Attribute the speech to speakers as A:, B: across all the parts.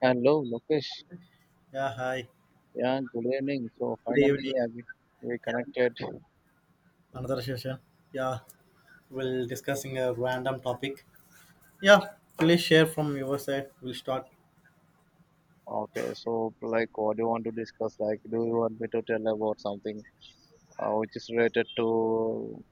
A: Hello, Lokesh.
B: Yeah, hi.
A: Yeah, good evening. So
B: Good evening.
A: finally, yeah, we
B: Yeah,
A: connected.
B: another session. Yeah, we'll discussing a random topic. Yeah, please share from your side. We'll start.
A: Okay, so like, what do you want to discuss? Like, do you want me to tell about something which is related to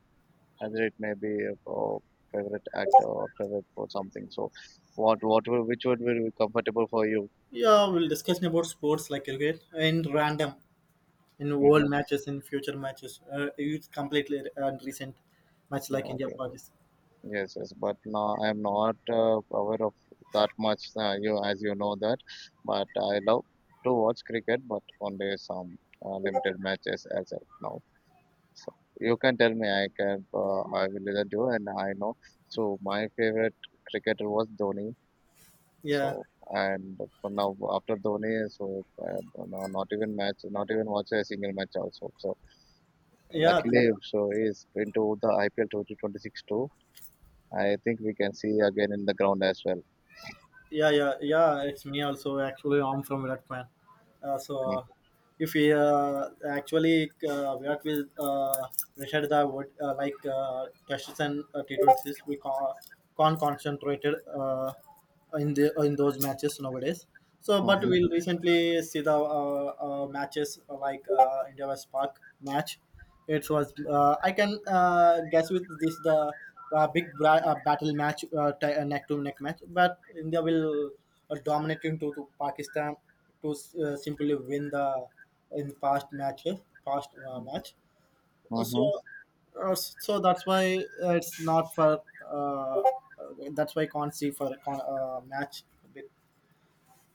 A: whether it may be or favorite actor or favorite for something? So, what will which would be comfortable for you?
B: Yeah, we'll discussing about sports like cricket in random, in
A: Mm-hmm.
B: world matches, in future matches. It's completely and recent match
A: Yeah.
B: like India
A: Okay.
B: Pakistan.
A: Yes, yes, but no, I am not aware of that much. As you know that, but I love to watch cricket, but only some limited matches as of now. So you can tell me, I will listen to you, and I know. So my favorite cricketer was Dhoni.
B: Yeah,
A: So and for now after Dhoni, not even match, not even watch a single match also. So
B: yeah,
A: luckily, so he is into the IPL 2026 too. I think we can see again in the ground as well.
B: yeah, yeah, yeah. It's me also. Actually, I'm from Virat fan. So if we actually react with Richard the word like tests and T20s, we can't concentrate in those matches nowadays. So, but
A: Mm-hmm.
B: we'll recently see the matches like India vs Park match. It was I can guess with this the uh, big battle match, neck to neck match. But India will dominate into to Pakistan to simply win the in past matches, past match. So,
A: Mm-hmm.
B: so that's why it's not for. That's why I can't see for a match.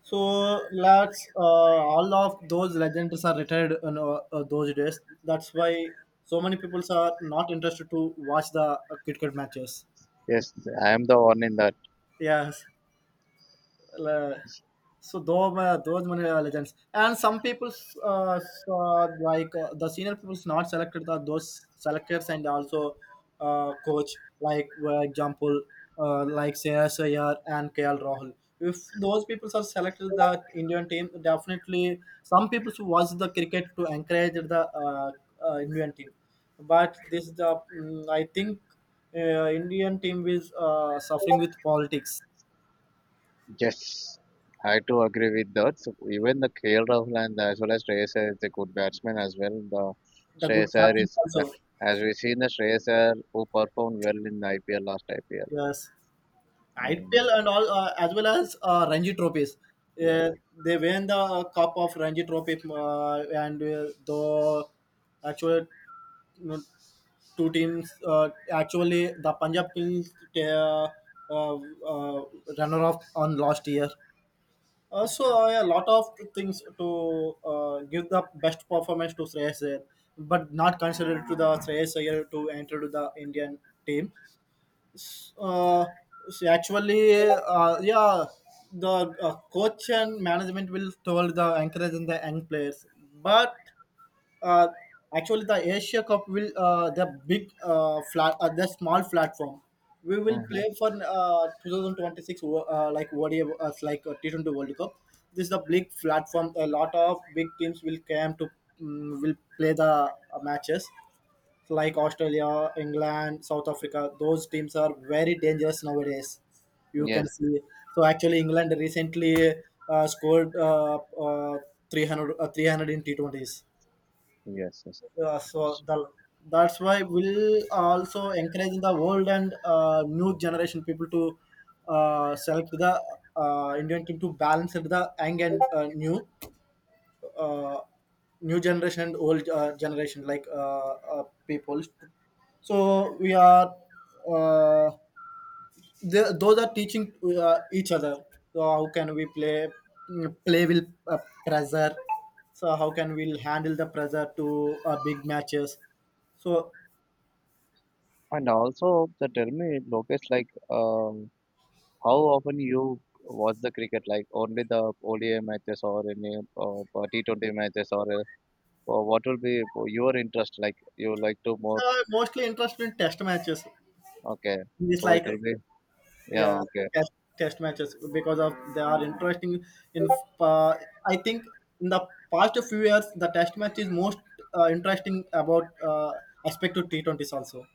B: So lads, all of those legends are retired in those days. That's why so many people are not interested to watch the cricket matches.
A: Yes, I am the one in that.
B: Yes. uh, so those one are legends, and some people saw, like the senior people's not selected the, those selectors, and also coach, like for example like Shreyas Iyer and KL Rahul. If those people are selected the Indian team, definitely some people who watch the cricket to encourage the Indian team, but this the I think Indian team is suffering with politics,
A: Yes, I too agree with that. So even the KL Rahul and as well as Shreyas Iyer is a good batsman as well. The
B: the good
A: Shreyas Iyer
B: captain
A: is,
B: also.
A: As we seen the Shreyas Iyer who performed well in the IPL.
B: Yes, IPL
A: Mm.
B: and all, as well as Ranji trophies.
A: Yes.
B: Uh, they win the cup of Ranji trophy, and the actual you know, two teams, actually the Punjab Kings uh, runner up on last year. So a lot of things to give the best performance to Shreyas Iyer, but not considered to the Shreyas Iyer to enter to the Indian team. uh, See, actually, yeah, the coach and management will told the encouraging the young players, but uh, actually the Asia Cup will the big flat the small platform. We will play
A: Mhm.
B: for 2026 like ODI like T20 World Cup. This is the big platform. A lot of big teams will come to will play the matches like Australia, England, South Africa. Those teams are very dangerous nowadays. You can
A: Yes.
B: see. So actually, England recently scored uh, 300 in T20s.
A: Yes. Yes.
B: Yeah, so the, that's why we'll also encourage the world and new generation people to select the Indian team to balance it with the young and uh, new generation and old generation like people, so we are uh, they, those are teaching each other, so how can we play, play will uh, pressure, so how can we handle the pressure to big matches. So
A: And also, the tell me, Lokesh, like, how often you watch the cricket, like only the ODI matches or any T20 matches, or what will be your interest? Like you like to more?
B: so I'm mostly interested in test matches.
A: Okay,
B: It's
A: so it
B: like,
A: will be yeah.
B: yeah,
A: Okay,
B: test, test matches, because of they are interesting in, uh, I think in the past few years the test match is most interesting about aspect to T20s also.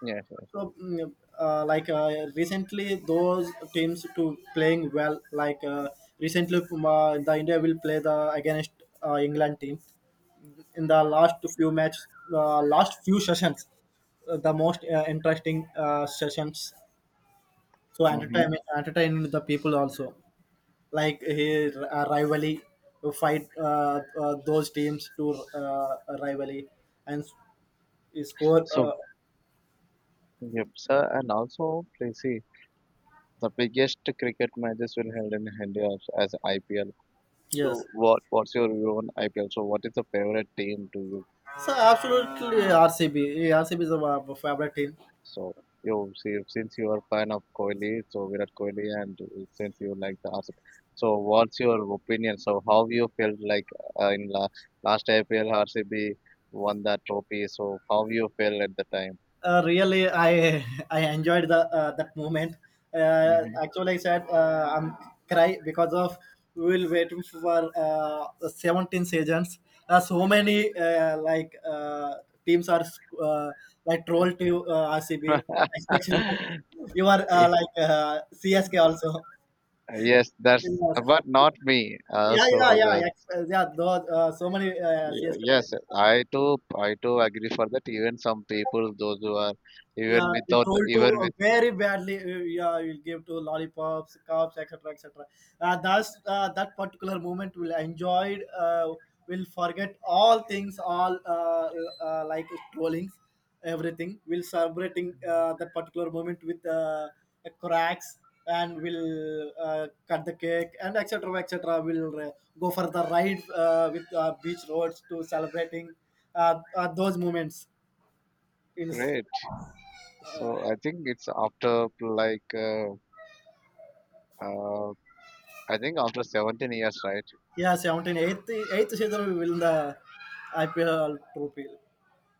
A: yes. Yes.
B: So like recently those teams to playing well, like recently the India will play the against England team in the last few match, last few sessions, the most interesting sessions, so
A: Mm-hmm.
B: entertain the people also, like he rivalry to fight those teams to rivalry and score.
A: So yep, sir, and also please see the biggest cricket matches will held in India as IPL. So
B: Yes,
A: what's your view on IPL? So what is the favorite team to you?
B: so absolutely RCB RCB is our favorite team.
A: So you see, since you are fan of Kohli, so Virat Kohli, and since you like the RCB, so what's your opinion? So how you felt like in la last IPL RCB won that trophy? So how you felt at the time?
B: Really, I I enjoyed the that moment. Actually, I said, I'm cry because of we will waiting for the 17 seasons. So many like teams are uh, like troll to RCB, especially.
A: Mhm.
B: You are like CSK also.
A: Yes, that's
B: Yes.
A: but not me.
B: Yeah, yeah,
A: So
B: yeah,
A: the
B: yeah, yeah, those, so many CSK
A: yes,
B: players.
A: I too agree for that. Even some people, those who are even
B: Yeah, we
A: without the,
B: told to
A: even with
B: very badly, yeah, we'll give to lollipops cups etc etc. That's that particular moment will enjoyed, will forget all things, all like trollings, everything we'll celebrating that particular moment with cracks, and we'll cut the cake and etc etc, we'll go for the ride with beach roads to celebrating those moments is.
A: great. So I think it's after like. Uh, I think after 17 years, right?
B: Yeah, 78th, 8th season we win the IPL trophy.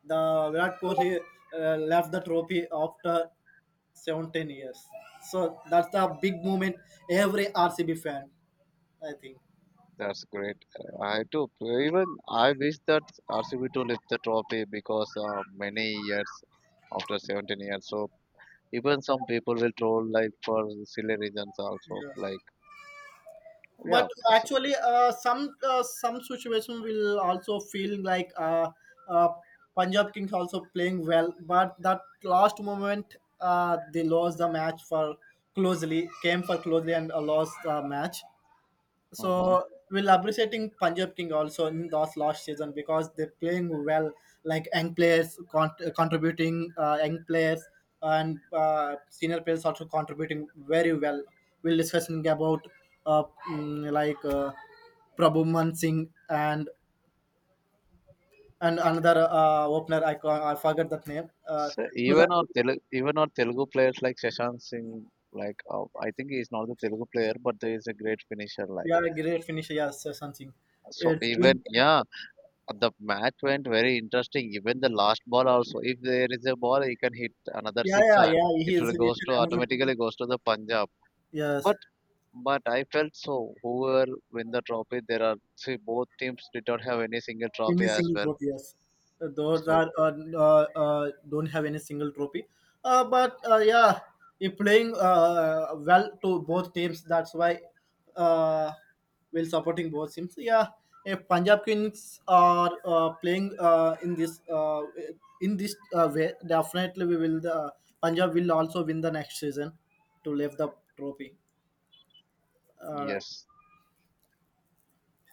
B: The Virat Kohli left the trophy after 17 years. So that's the big moment every RCB fan, I think.
A: That's great. I too, even I wish that RCB to lift the trophy because many years after 17 years. So even some people will troll like for silly reasons also.
B: Yes.
A: Like
B: But
A: yeah, so,
B: actually, some situation will also feel like, uh, Punjab Kings also playing well, but that last moment they lost the match for closely, came for closely and lost the match.
A: hmm
B: So we'll appreciating Punjab King also in those last season, because they're playing well, like young players contributing, young players and senior players also contributing very well. We'll discussing about uh, like Prabhu Man Singh and another opener. I forgot that name.
A: so
B: Was that,
A: even our Telugu players like Shashank Singh, like I think he's not the Telugu player, but he is a great finisher. Like
B: yeah, great finisher. Yes, Sachin Singh.
A: so
B: It's
A: even yeah, the match went very interesting. Even the last ball also, if there is a ball, he can hit another
B: yeah,
A: six
B: yeah,
A: and
B: yeah. He
A: it
B: is
A: will goes to
B: another.
A: automatically goes to the Punjab.
B: Yes,
A: But but I felt so. Whoever win the trophy, there are see both teams did not have any single
B: any
A: trophy as
B: single
A: well.
B: trophy, yes. Those
A: So
B: are don't have any single trophy, but yeah, if playing well to both teams, that's why uh, we're supporting both teams. Yeah, if Punjab Kings are playing in this way, definitely we will the Punjab will also win the next season to lift the trophy. uh,
A: yes,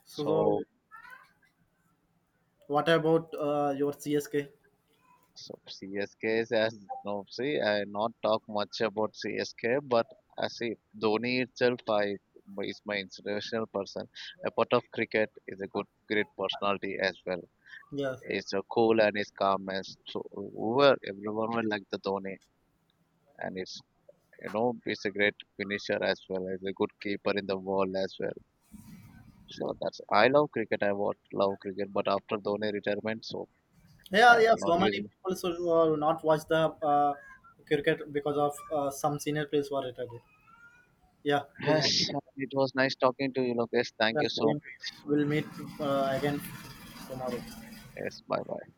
B: so
A: so
B: what about your CSK?
A: so CSK is as no see I not talk much about CSK, but I see Dhoni itself I is my inspirational person. Apart of cricket, is a good great personality as well.
B: Yes.
A: It's so cool and it's calm and so over. Everyone will like the Dhoni, and it's you know it's a great finisher as well as a good keeper in the world as well. So that's I love cricket. I watch love cricket, but after Dhoni retirement, so
B: Yeah,
A: I'm
B: yeah.
A: not
B: So many
A: using.
B: people should not watch the cricket because of some senior players who are retired. Yeah, please.
A: Yes, it was nice talking to you, Lokesh. Thank
B: The
A: you so
B: same. We'll meet again tomorrow.
A: much. Yes, bye bye.